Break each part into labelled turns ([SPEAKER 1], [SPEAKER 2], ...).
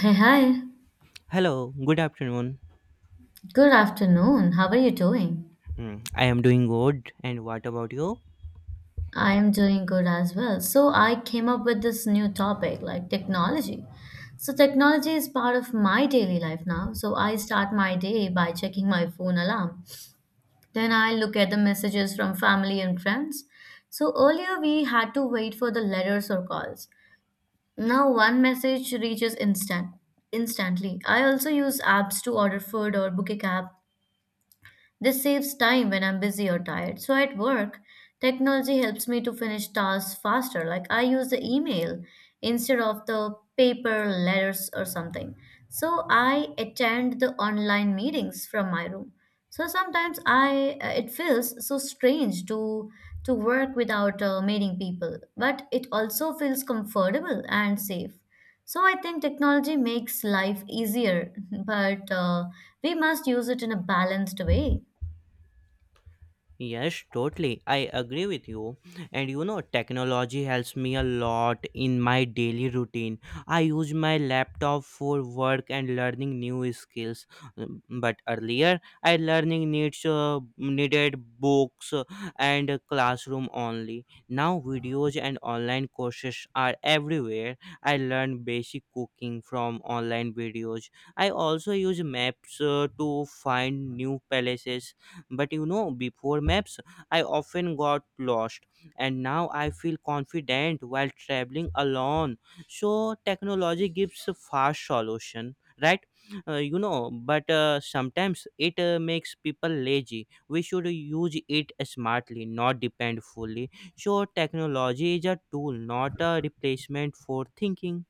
[SPEAKER 1] Hey, hi.
[SPEAKER 2] Hello, good afternoon.
[SPEAKER 1] Good afternoon. How are you doing?
[SPEAKER 2] Mm, I am doing good, and what about you?
[SPEAKER 1] I am doing good as well. So, I came up with this new topic like technology. So, technology is part of my daily life now. So, I start my day by checking my phone alarm. Then, I look at the messages from family and friends. So, earlier we had to wait for the letters or calls. Now, one message reaches instantly. I also use apps to order food or book a cab. This saves time when I'm busy or tired. So at work, technology helps me to finish tasks faster. Like I use the email instead of the paper, letters, or something. So I attend the online meetings from my room. So sometimes I it feels so strange to work without meeting people, but it also feels comfortable and safe. So I think technology makes life easier, but we must use it in a balanced way.
[SPEAKER 2] Yes, totally. I agree with you. And you know, technology helps me a lot in my daily routine. I use my laptop for work and learning new skills. But earlier, I learning needs needed books and a classroom only. Now, videos and online courses are everywhere. I learn basic cooking from online videos. I also use maps to find new places, but you know, before maps I often got lost, and now I feel confident while traveling alone. So technology gives a fast solution, right. But sometimes it makes people lazy. We should use it smartly, not depend fully. So technology is a tool, not a replacement for thinking.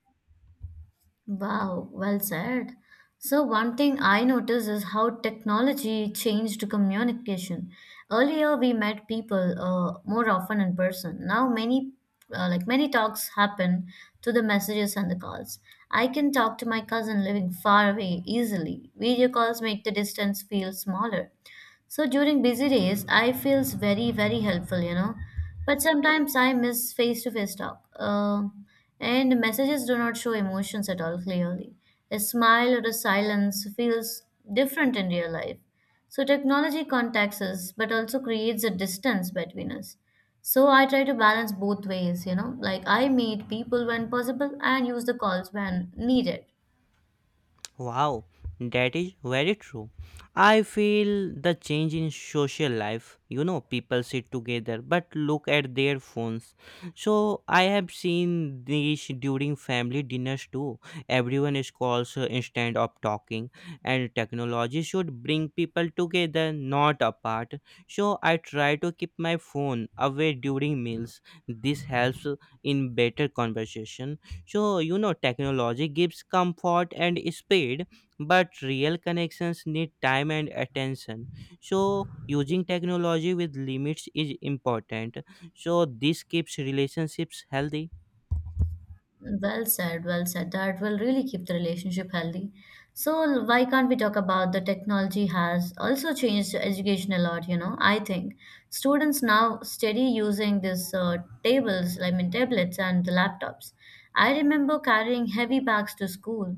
[SPEAKER 1] Wow, well said. So, one thing I noticed is how technology changed communication. Earlier, we met people more often in person. Now, many talks happen through the messages and the calls. I can talk to my cousin living far away easily. Video calls make the distance feel smaller. So during busy days, I feels very very helpful, you know. But sometimes I miss face to face talk. And messages do not show emotions at all clearly. A smile or a silence feels different in real life. So technology contacts us but also creates a distance between us. So I try to balance both ways, you know, like I meet people when possible and use the calls when needed.
[SPEAKER 2] Wow, that is very true. I feel the change in social life. You know, people sit together but look at their phones. So I have seen this during family dinners too. Everyone is calls instead of talking, and technology should bring people together, not apart. So I try to keep my phone away during meals. This helps in better conversation. So you know, technology gives comfort and speed, but real connections need time and attention. So using technology with limits is important. So this keeps relationships healthy.
[SPEAKER 1] Well said, well said. That will really keep the relationship healthy. So, why can't we talk about the technology has also changed education a lot? You know, I think students now steady using these tablets and the laptops. I remember carrying heavy bags to school.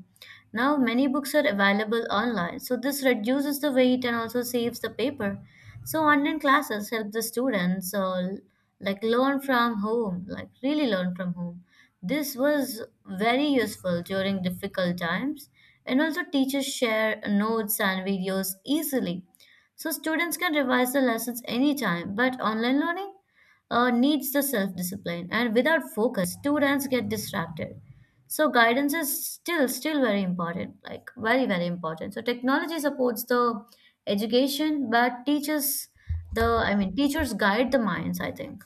[SPEAKER 1] Now, many books are available online, so this reduces the weight and also saves the paper. So, online classes help the students like learn from home, like really learn from home. This was very useful during difficult times, and also teachers share notes and videos easily. So, students can revise the lessons anytime, but online learning needs the self discipline, and without focus, students get distracted. So guidance is still very important, like very very important. So technology supports the education, but teaches the I mean teachers guide the minds, I think.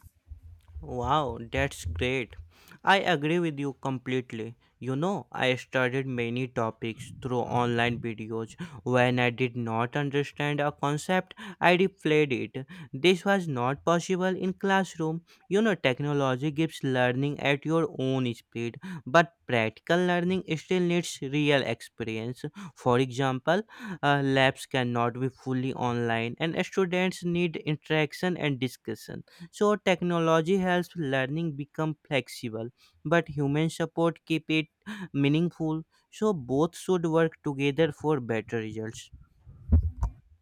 [SPEAKER 2] Wow, that's great. I agree with you completely. You know, I studied many topics through online videos. When I did not understand a concept, I replayed it. This was not possible in classroom. You know, technology gives learning at your own speed, but practical learning still needs real experience. For example, labs cannot be fully online, and students need interaction and discussion. So technology helps learning become flexible, but human support keep it meaningful. So both should work together for better results.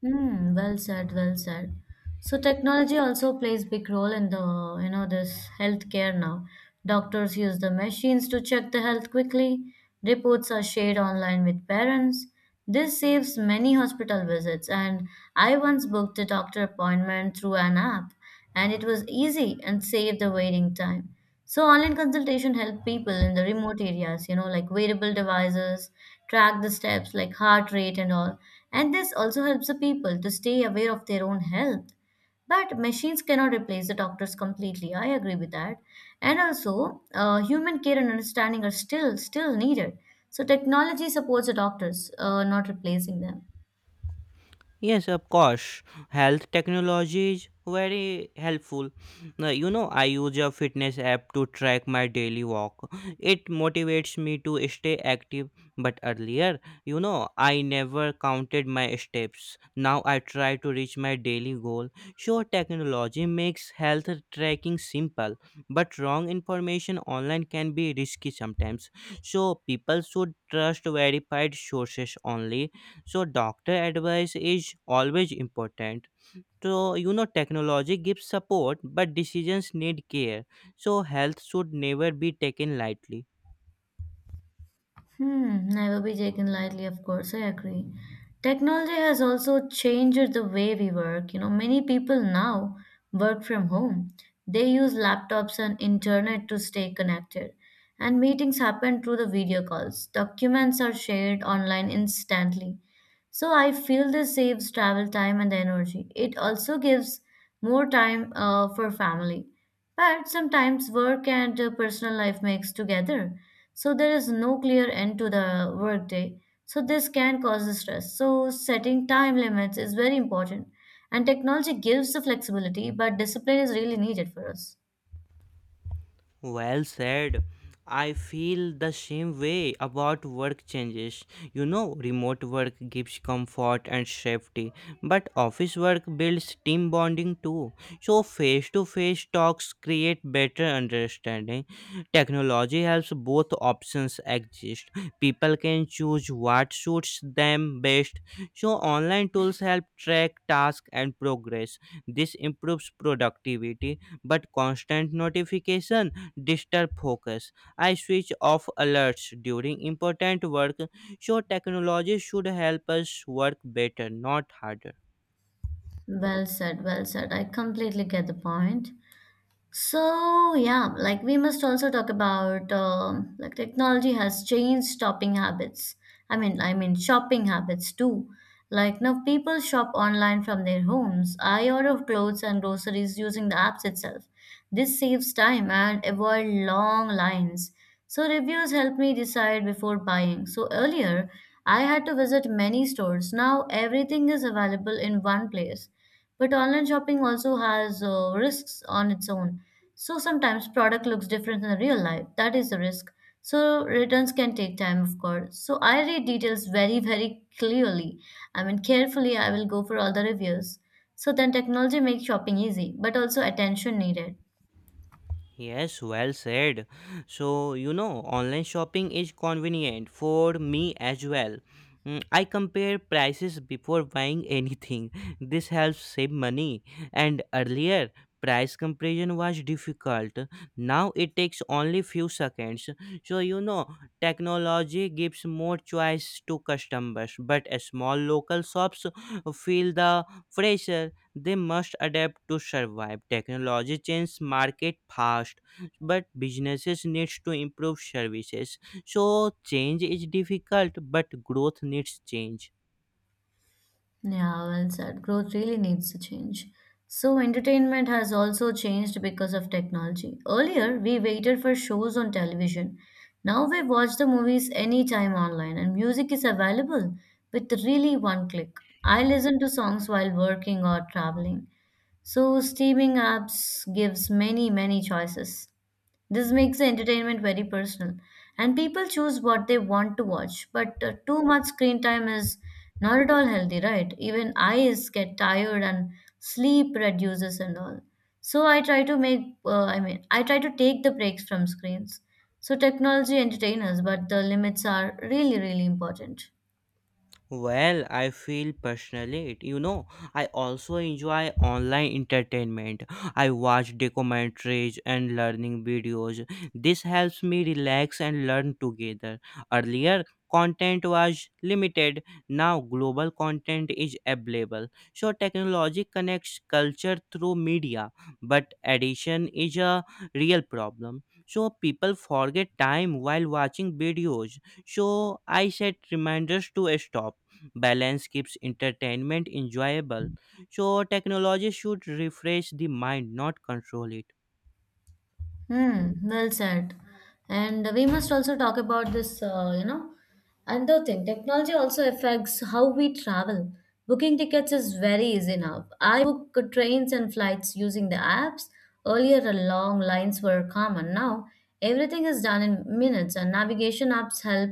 [SPEAKER 1] Hmm, well said, well said. So technology also plays big role in the, you know, this healthcare now. Doctors use the machines to check the health quickly. Reports are shared online with parents. This saves many hospital visits, and I once booked a doctor appointment through an app, and it was easy and saved the waiting time. So online consultation help people in the remote areas, you know, like wearable devices, track the steps like heart rate and all. And this also helps the people to stay aware of their own health. But machines cannot replace the doctors completely. I agree with that. And also, human care and understanding are still needed. So technology supports the doctors, not replacing them.
[SPEAKER 2] Yes, of course. Health technology is very helpful. Now, you know, I use a fitness app to track my daily walk. It motivates me to stay active. But earlier, you know, I never counted my steps. Now I try to reach my daily goal. Sure, technology makes health tracking simple, but wrong information online can be risky sometimes. So people should trust verified sources only. So doctor advice is always important. So you know, technology gives support, but decisions need care. So health should never be taken lightly.
[SPEAKER 1] Hmm, never be taken lightly, of course, I agree. Technology has also changed the way we work. You know, many people now work from home. They use laptops and internet to stay connected. And meetings happen through the video calls. Documents are shared online instantly. So I feel this saves travel time and energy. It also gives more time for family. But sometimes work and personal life makes together. So there is no clear end to the workday. So this can cause stress. So setting time limits is very important. And technology gives the flexibility, but discipline is really needed for us.
[SPEAKER 2] Well said. I feel the same way about work changes. You know, remote work gives comfort and safety, but office work builds team bonding too. So, face to face talks create better understanding. Technology helps both options exist. People can choose what suits them best. So, online tools help track tasks and progress. This improves productivity, but constant notification disturb focus. I switch off alerts during important work, so technology should help us work better, not harder.
[SPEAKER 1] Well said, well said. I completely get the point. So yeah, like we must also talk about technology has changed shopping habits. Shopping habits too. Like now, people shop online from their homes. I order clothes and groceries using the apps itself. This saves time and avoid long lines. So reviews help me decide before buying. So earlier, I had to visit many stores. Now everything is available in one place. But online shopping also has risks on its own. So sometimes product looks different in real life. That is a risk. So returns can take time, of course. So I read details very, very clearly. I mean, carefully, I will go for all the reviews. So then technology makes shopping easy, but also attention needed.
[SPEAKER 2] Yes, well said. So, you know, online shopping is convenient for me as well. Mm, I compare prices before buying anything. This helps save money. And earlier, price comparison was difficult. Now it takes only few seconds. So, you know, technology gives more choice to customers, but small local shops feel the pressure. They must adapt to survive. Technology changes market fast, but businesses needs to improve services. So change is difficult, but growth needs change.
[SPEAKER 1] Yeah, well said. Growth really needs to change. So, entertainment has also changed because of technology. Earlier, we waited for shows on television. Now we watch the movies anytime online, and music is available with really one click. I listen to songs while working or traveling. So, streaming apps gives many, many choices. This makes the entertainment very personal, and people choose what they want to watch. But too much screen time is not at all healthy, right? Even eyes get tired and sleep reduces and all. So I try to I try to take the breaks from screens. So technology entertains us, but the limits are really, really important.
[SPEAKER 2] Well, I feel personally, it. You know, I also enjoy online entertainment. I watch documentaries and learning videos. This helps me relax and learn together. Earlier, content was limited. Now, global content is available. So, technology connects culture through media, but addiction is a real problem. So, people forget time while watching videos. So, I set reminders to stop. Balance keeps entertainment enjoyable. So, technology should refresh the mind, not control it.
[SPEAKER 1] Hmm, well said. And we must also talk about this, you know, another thing. Technology also affects how we travel. Booking tickets is very easy now. I book trains and flights using the apps. Earlier, the long lines were common. Now, everything is done in minutes, and navigation apps help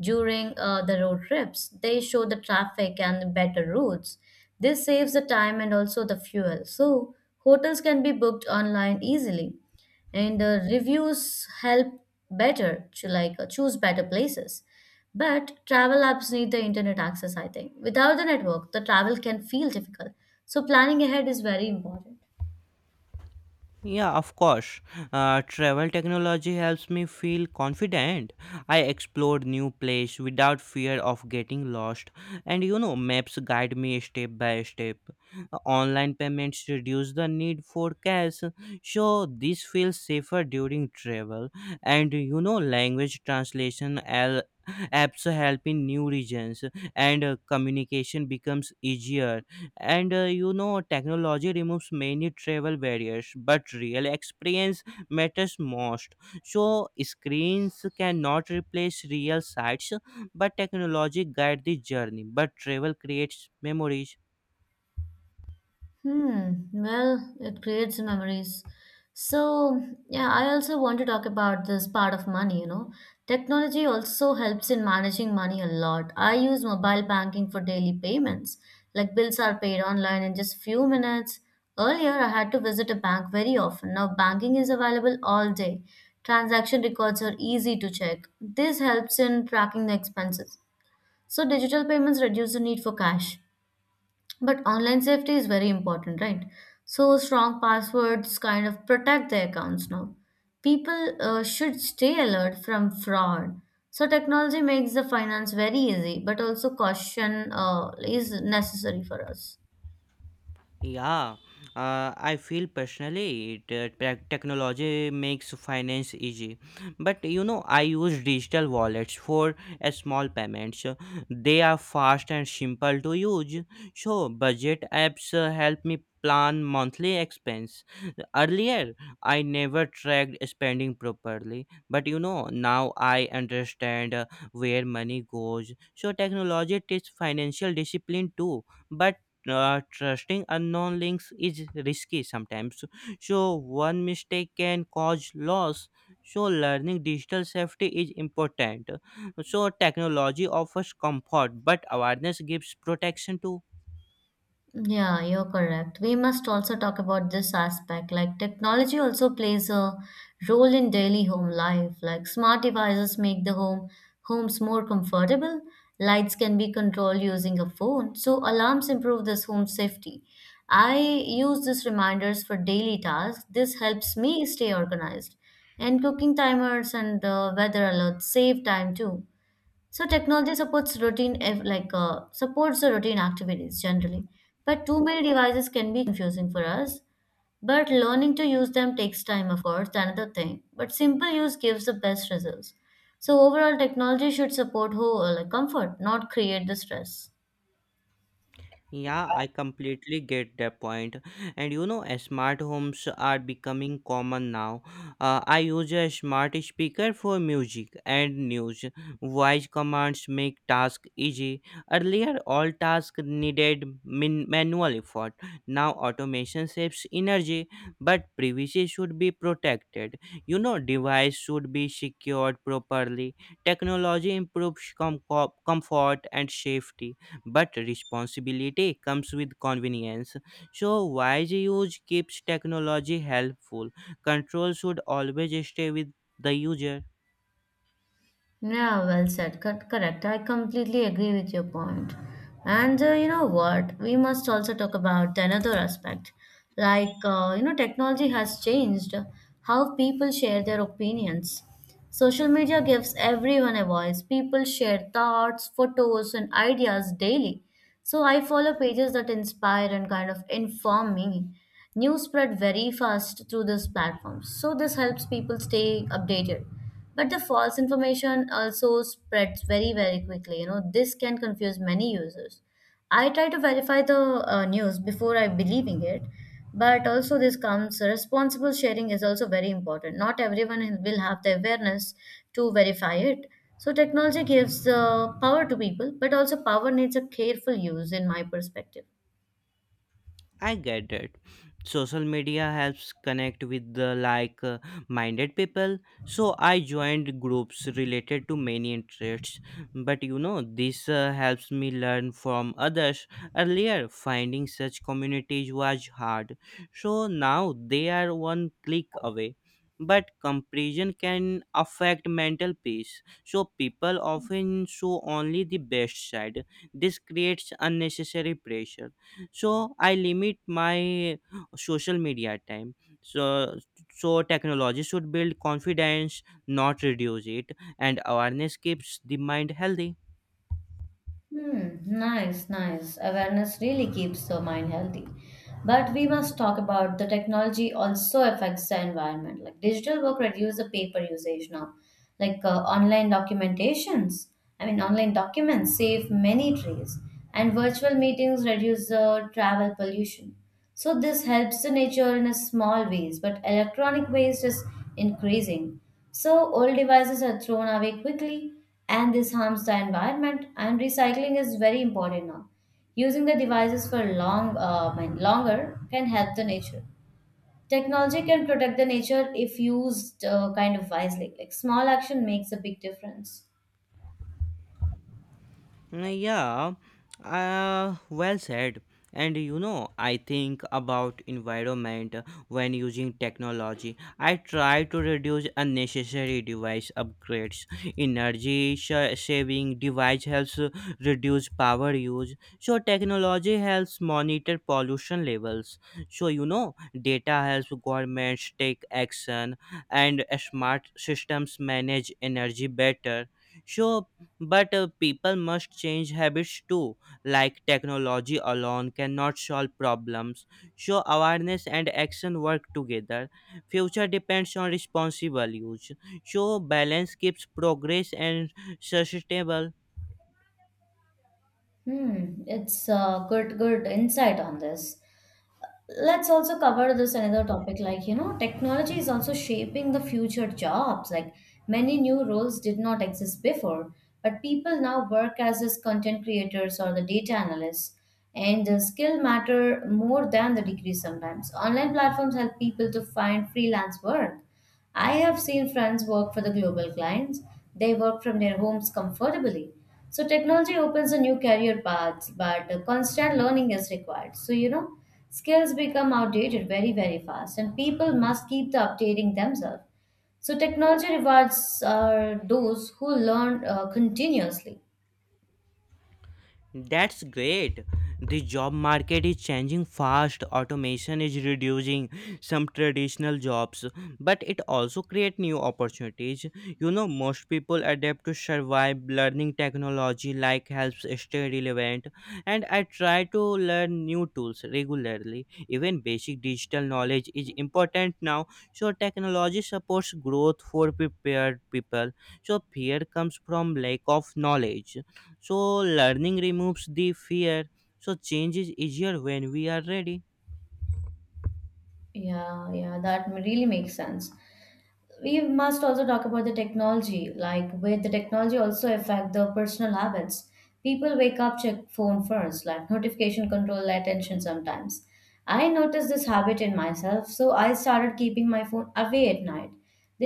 [SPEAKER 1] during the road trips. They show the traffic and better routes. This saves the time and also the fuel. So, hotels can be booked online easily and reviews help better to choose better places, but travel apps need the internet access, I think. Without the network the travel can feel difficult. So planning ahead is very important.
[SPEAKER 2] Yeah, of course. Travel technology helps me feel confident. I explore new place without fear of getting lost, and you know, maps guide me step by step. Online payments reduce the need for cash, so this feels safer during travel. And you know, language translation apps help in new regions, and communication becomes easier. And uh, you know technology removes many travel barriers, but real experience matters most. So screens cannot replace real sights, but technology guide the journey, but travel creates memories.
[SPEAKER 1] Hmm, well, it creates memories. So, yeah, I also want to talk about this part of money, you know. Technology also helps in managing money a lot. I use mobile banking for daily payments. Like bills are paid online in just few minutes. Earlier, I had to visit a bank very often. Now banking is available all day. Transaction records are easy to check. This helps in tracking the expenses. So digital payments reduce the need for cash. But online safety is very important, right? So strong passwords kind of protect their accounts now. People should stay alert from fraud. So technology makes the finance very easy, but also caution is necessary for us.
[SPEAKER 2] Yeah, I feel personally that technology makes finance easy. But you know, I use digital wallets for small payments. They are fast and simple to use. So, budget apps help me plan monthly expense. Earlier, I never tracked spending properly, but you know, now I understand where money goes. So, technology teaches financial discipline too, but trusting unknown links is risky sometimes. So, one mistake can cause loss. So, learning digital safety is important. So, technology offers comfort, but awareness gives protection too.
[SPEAKER 1] Yeah, you're correct. We must also talk about this aspect. Like technology also plays a role in daily home life. Like smart devices make the homes more comfortable. Lights can be controlled using a phone, so alarms improve this home safety. I use these reminders for daily tasks. This helps me stay organized. And cooking timers and weather alerts save time too. So technology supports routine, supports the routine activities generally, but too many devices can be confusing for us. But learning to use them takes time, of course, that's another thing. But simple use gives the best results. So overall, technology should support whole like comfort, not create the stress.
[SPEAKER 2] Yeah, I completely get that point. And you know, smart homes are becoming common now. I use a smart speaker for music and news. Voice commands make tasks easy. Earlier, all tasks needed manual effort. Now, automation saves energy, but privacy should be protected. You know, device should be secured properly. Technology improves comfort and safety, but responsibility comes with convenience. So, wise use keeps technology helpful. Control should always stay with the user.
[SPEAKER 1] Yeah, well said. Correct. I completely agree with your point. And you know what? We must also talk about another aspect. Like, you know, technology has changed how people share their opinions. Social media gives everyone a voice. People share thoughts, photos, and ideas daily. So I follow pages that inspire and kind of inform me. News spread very fast through this platform, so this helps people stay updated. But the false information also spreads very, very quickly. You know, this can confuse many users. I try to verify the news before I believing it, but also this comes responsible sharing is also very important. Not everyone will have the awareness to verify it. So technology gives power to people, but also power needs a careful use, in my perspective.
[SPEAKER 2] I get it. Social media helps connect with the like minded people. So I joined groups related to many interests. But you know, this helps me learn from others. Earlier, finding such communities was hard. So now they are one click away. But comparison can affect mental peace. So people often show only the best side. This creates unnecessary pressure. So I limit my social media time. So so technology should build confidence, not reduce it, and awareness keeps the mind healthy.
[SPEAKER 1] Hmm, nice, nice. Awareness really keeps the mind healthy. But we must talk about the technology also affects the environment. Like digital work reduce the paper usage now. Like online documentations, I mean online documents save many trees, and virtual meetings reduce the travel pollution. So this helps the nature in a small ways, but electronic waste is increasing. So old devices are thrown away quickly, and this harms the environment, and recycling is very important now. Using the devices for longer can help the nature. Technology can protect the nature if used kind of wisely. Like small action makes a big difference.
[SPEAKER 2] Mm, yeah, well said. And you know, I think about environment when using technology. I try to reduce unnecessary device upgrades. Energy saving device helps reduce power use. So technology helps monitor pollution levels. So you know, data helps governments take action, and smart systems manage energy better. So but people must change habits too, like technology alone cannot solve problems. So, awareness and action work together. Future depends on responsible use. So, balance keeps progress and sustainable.
[SPEAKER 1] Hmm, it's a good insight on this. Let's also cover this another topic. Technology is also shaping the future jobs. Like many new roles did not exist before, but people now work as content creators or the data analysts, and the skill matter more than the degree sometimes. Online platforms help people to find freelance work. I have seen friends work for the global clients. They work from their homes comfortably. So technology opens a new career paths, but constant learning is required. Skills become outdated very, very fast, and people must keep the updating themselves. So technology rewards are those who learn continuously.
[SPEAKER 2] That's great. The job market is changing fast. Automation is reducing some traditional jobs, but it also creates new opportunities. You know, most people adapt to survive. Learning technology like helps stay relevant, and I try to learn new tools regularly. Even basic digital knowledge is important now. So technology supports growth for prepared people. So fear comes from lack of knowledge. So, learning removes the fear. So, change is easier when we are ready.
[SPEAKER 1] Yeah, yeah, that really makes sense. We must also talk about the technology. Like with the technology also affect the personal habits, people wake up check phone first, like notification control attention sometimes. I noticed this habit in myself, so I started keeping my phone away at night.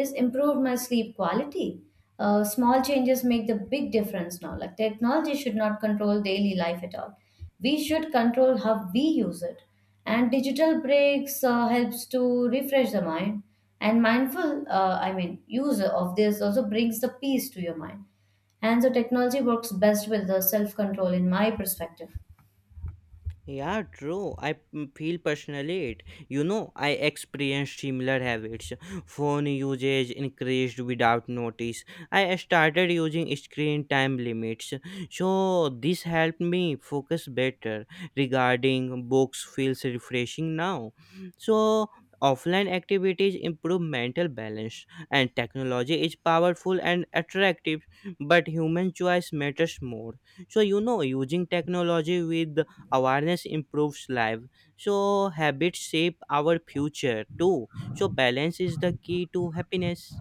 [SPEAKER 1] This improved my sleep quality. Small changes make the big difference now. Like technology should not control daily life at all. We should control how we use it, and digital breaks helps to refresh the mind. And mindful use of this also brings the peace to your mind. And so technology works best with the self control, in my perspective.
[SPEAKER 2] Yeah, true. Feel personally it. You know, I experienced similar habits. Phone usage increased without notice. I started using screen time limits. So, this helped me focus better. Regarding books, feels refreshing now. So, offline activities improve mental balance, and technology is powerful and attractive, but human choice matters more. So, you know, using technology with awareness improves life. So habits shape our future too. So balance is the key to happiness.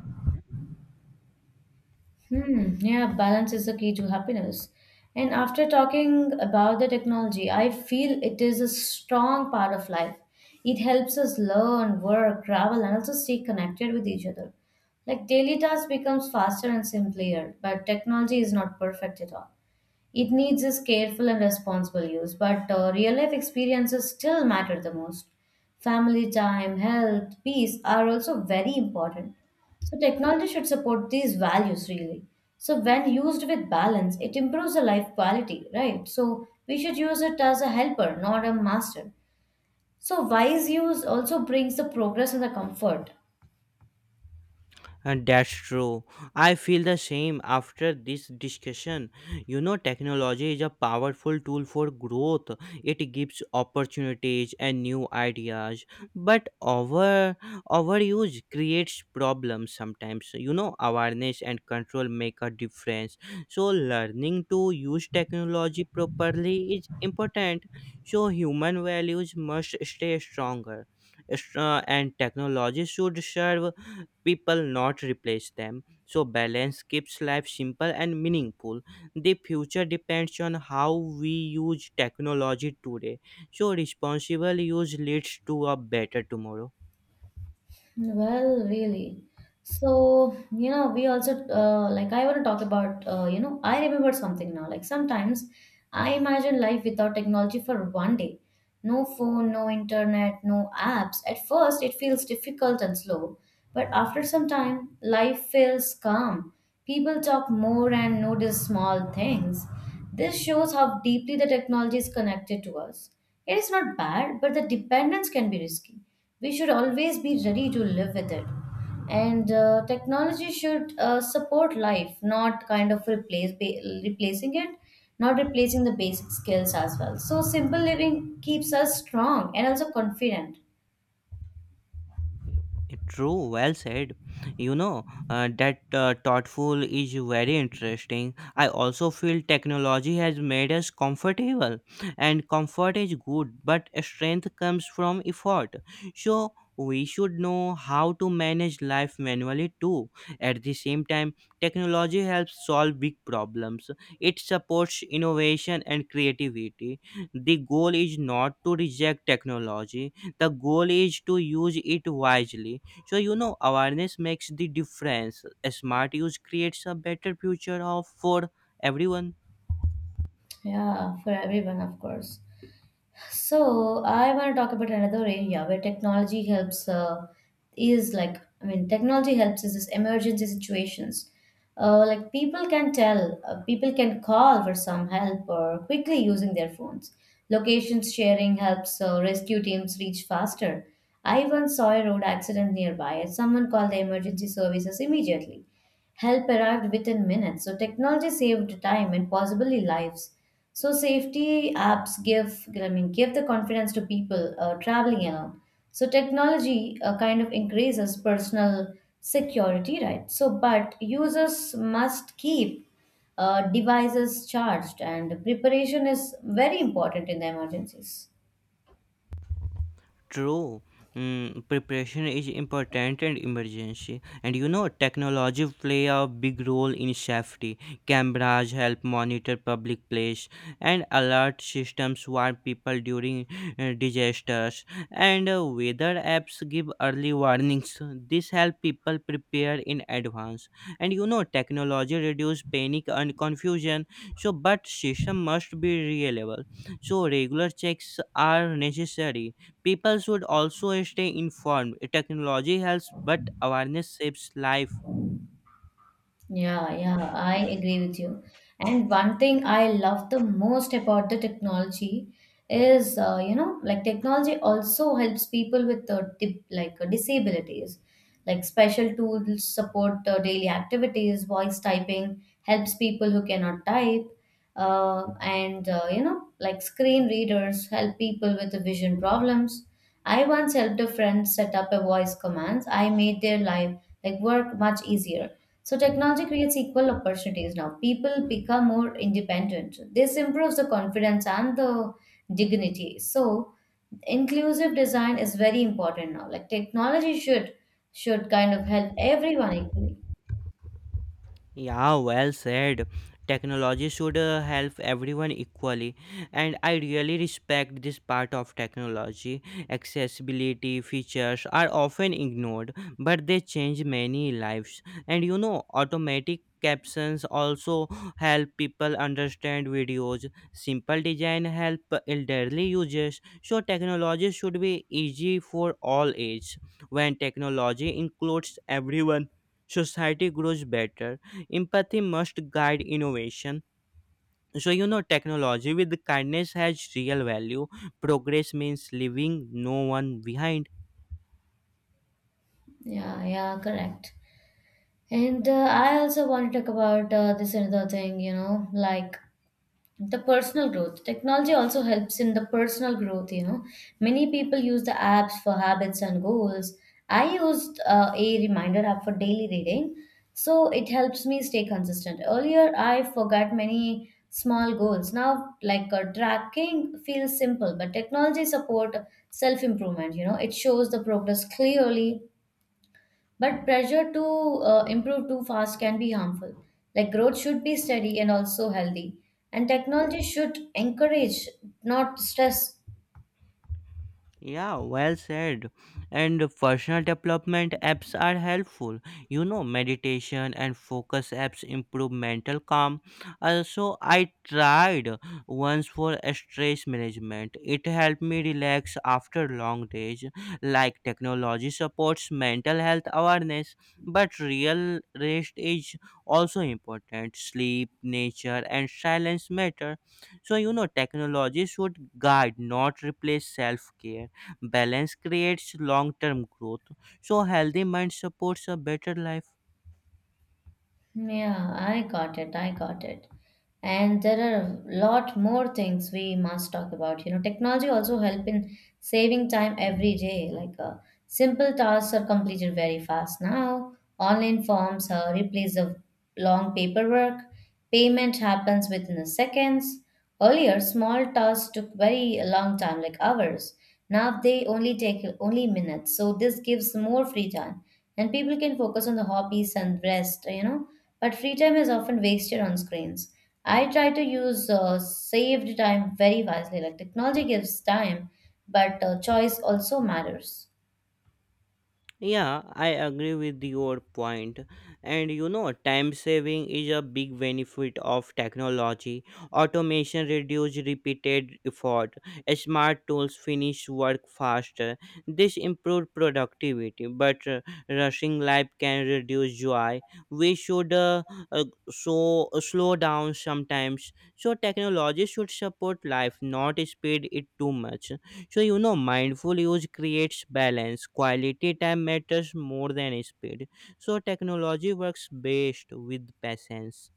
[SPEAKER 1] Hmm. Yeah, balance is the key to happiness. And after talking about the technology, I feel it is a strong part of life. It helps us learn, work, travel, and also stay connected with each other. Like daily tasks becomes faster and simpler, but technology is not perfect at all. It needs is careful and responsible use, but real life experiences still matter the most. Family time, health, peace are also very important. So technology should support these values really. So when used with balance, it improves the life quality, right? So we should use it as a helper, not a master. So wise use also brings the progress and the comfort.
[SPEAKER 2] And that's true. I feel the same after this discussion. You know, technology is a powerful tool for growth. It gives opportunities and new ideas, but overuse creates problems sometimes. You know, awareness and control make a difference. So, learning to use technology properly is important. So, human values must stay stronger, and technology should serve people, not replace them. So, balance keeps life simple and meaningful. The future depends on how we use technology today. So, responsible use leads to a better tomorrow.
[SPEAKER 1] Well, really. So, you know, we also like I want to talk about I remember something now. Like sometimes I imagine life without technology for one day. No phone, no internet, no apps. At first, it feels difficult and slow, but after some time, life feels calm. People talk more and notice small things. This shows how deeply the technology is connected to us. It is not bad, but the dependence can be risky. We should always be ready to live with it. And technology should support life, not kind of replacing it, not replacing the basic skills as well. So simple living keeps us strong and also confident.
[SPEAKER 2] True, well said. You know, that thoughtful is very interesting. I also feel technology has made us comfortable, and comfort is good, but strength comes from effort. So, we should know how to manage life manually too. At the same time, technology helps solve big problems, it supports innovation and creativity. The goal is not to reject technology, the goal is to use it wisely. So, you know, awareness makes the difference. A smart use creates a better future of for everyone.
[SPEAKER 1] Yeah, for everyone, of course. So I want to talk about another area where technology helps is like I mean technology helps is this emergency situations. Like people can call for some help or quickly using their phones. Locations sharing helps rescue teams reach faster. I once saw a road accident nearby and someone called the emergency services immediately. Help arrived within minutes. So technology saved time and possibly lives. So safety apps give give the confidence to people traveling alone. So technology kind of increases personal security, right? So but users must keep devices charged, and preparation is very important in the emergencies.
[SPEAKER 2] True. Mm, preparation is important and emergency. And you know, technology play a big role in safety. Cameras help monitor public place, and alert systems warn people during disasters. And weather apps give early warnings. This help people prepare in advance. And you know, technology reduce panic and confusion. So, but system must be reliable. So, regular checks are necessary. People should also stay informed. Technology helps, but awareness saves life.
[SPEAKER 1] Yeah, yeah, I agree with you. And one thing I love the most about the technology is, like technology also helps people with dip, like disabilities. Like special tools support daily activities. Voice typing helps people who cannot type, like screen readers help people with vision problems. I once helped a friend set up a voice commands. I made their life like work much easier. So technology creates equal opportunities now. People become more independent. This improves the confidence and the dignity. So inclusive design is very important now. Like technology should kind of help everyone equally.
[SPEAKER 2] Yeah, well said. Technology should help everyone equally, and I really respect this part of technology. Accessibility features are often ignored, but they change many lives. And you know, automatic captions also help people understand videos. Simple design help elderly users. So technology should be easy for all age. When technology includes everyone, society grows better. Empathy must guide innovation. So, you know, technology with kindness has real value. Progress means leaving no one behind.
[SPEAKER 1] Yeah, yeah, correct. And I also want to talk about this another thing, like the personal growth. Technology also helps in the personal growth. You know, many people use the apps for habits and goals. I used a reminder app for daily reading, so it helps me stay consistent. Earlier I forgot many small goals. Now like tracking feels simple, but technology support self improvement. You know, it shows the progress clearly, but pressure to improve too fast can be harmful. Like growth should be steady and also healthy. And technology should encourage, not stress.
[SPEAKER 2] Yeah, well said. And personal development apps are helpful. You know, meditation and focus apps improve mental calm. Also, I tried once for stress management. It helped me relax after long days. Like technology supports mental health awareness, but real rest is also important. Sleep, nature, and silence matter. So, you know, technology should guide, not replace self care. Balance creates long term growth. So, healthy mind supports a better life.
[SPEAKER 1] Yeah, I got it. I got it. And there are a lot more things we must talk about. You know, technology also help in saving time every day. Like simple tasks are completed very fast now. Online forms replace the long paperwork. Payment happens within the seconds. Earlier, small tasks took very long time, like hours. Now they only take only minutes. So this gives more free time, and people can focus on the hobbies and rest. You know, but free time is often wasted on screens. I try to use saved time very wisely. Like technology gives time, but choice also matters.
[SPEAKER 2] Yeah, I agree with your point. And you know, time saving is a big benefit of technology. Automation reduces repeated effort. Smart tools finish work faster. This improves productivity, but rushing life can reduce joy. We should slow down sometimes. So technology should support life, not speed it too much. So, you know, mindful use creates balance. Quality time matters more than speed. So, technology works best with patience.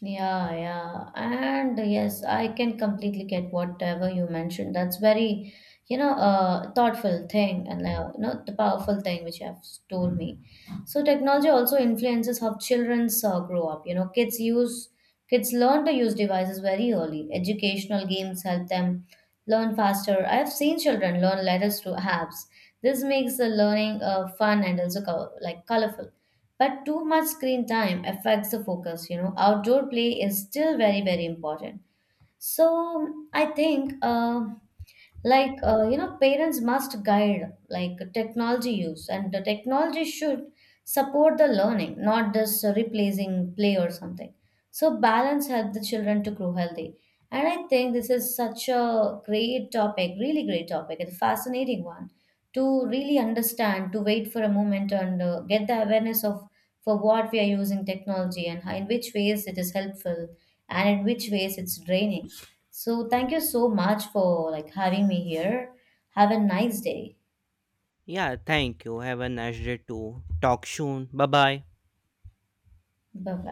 [SPEAKER 1] Yeah, yeah. And yes, I can completely get whatever you mentioned. That's very, thoughtful thing, and the powerful thing which you have told me. So technology also influences how children grow up. You know, kids learn to use devices very early. Educational games help them learn faster. I have seen children learn letters through apps. This makes the learning fun and also colorful. But too much screen time affects the focus, you know. Outdoor play is still very, very important. So I think, parents must guide like technology use, and the technology should support the learning, not just replacing play or something. So balance help the children to grow healthy. And I think this is such a great topic, really great topic, and fascinating one to really understand, to wait for a moment and get the awareness of for what we are using technology and how, in which ways it is helpful and in which ways it's draining. So thank you so much for like having me here. Have a nice day.
[SPEAKER 2] Yeah, thank you. Have a nice day too. Talk soon. Bye bye.
[SPEAKER 1] Bye bye.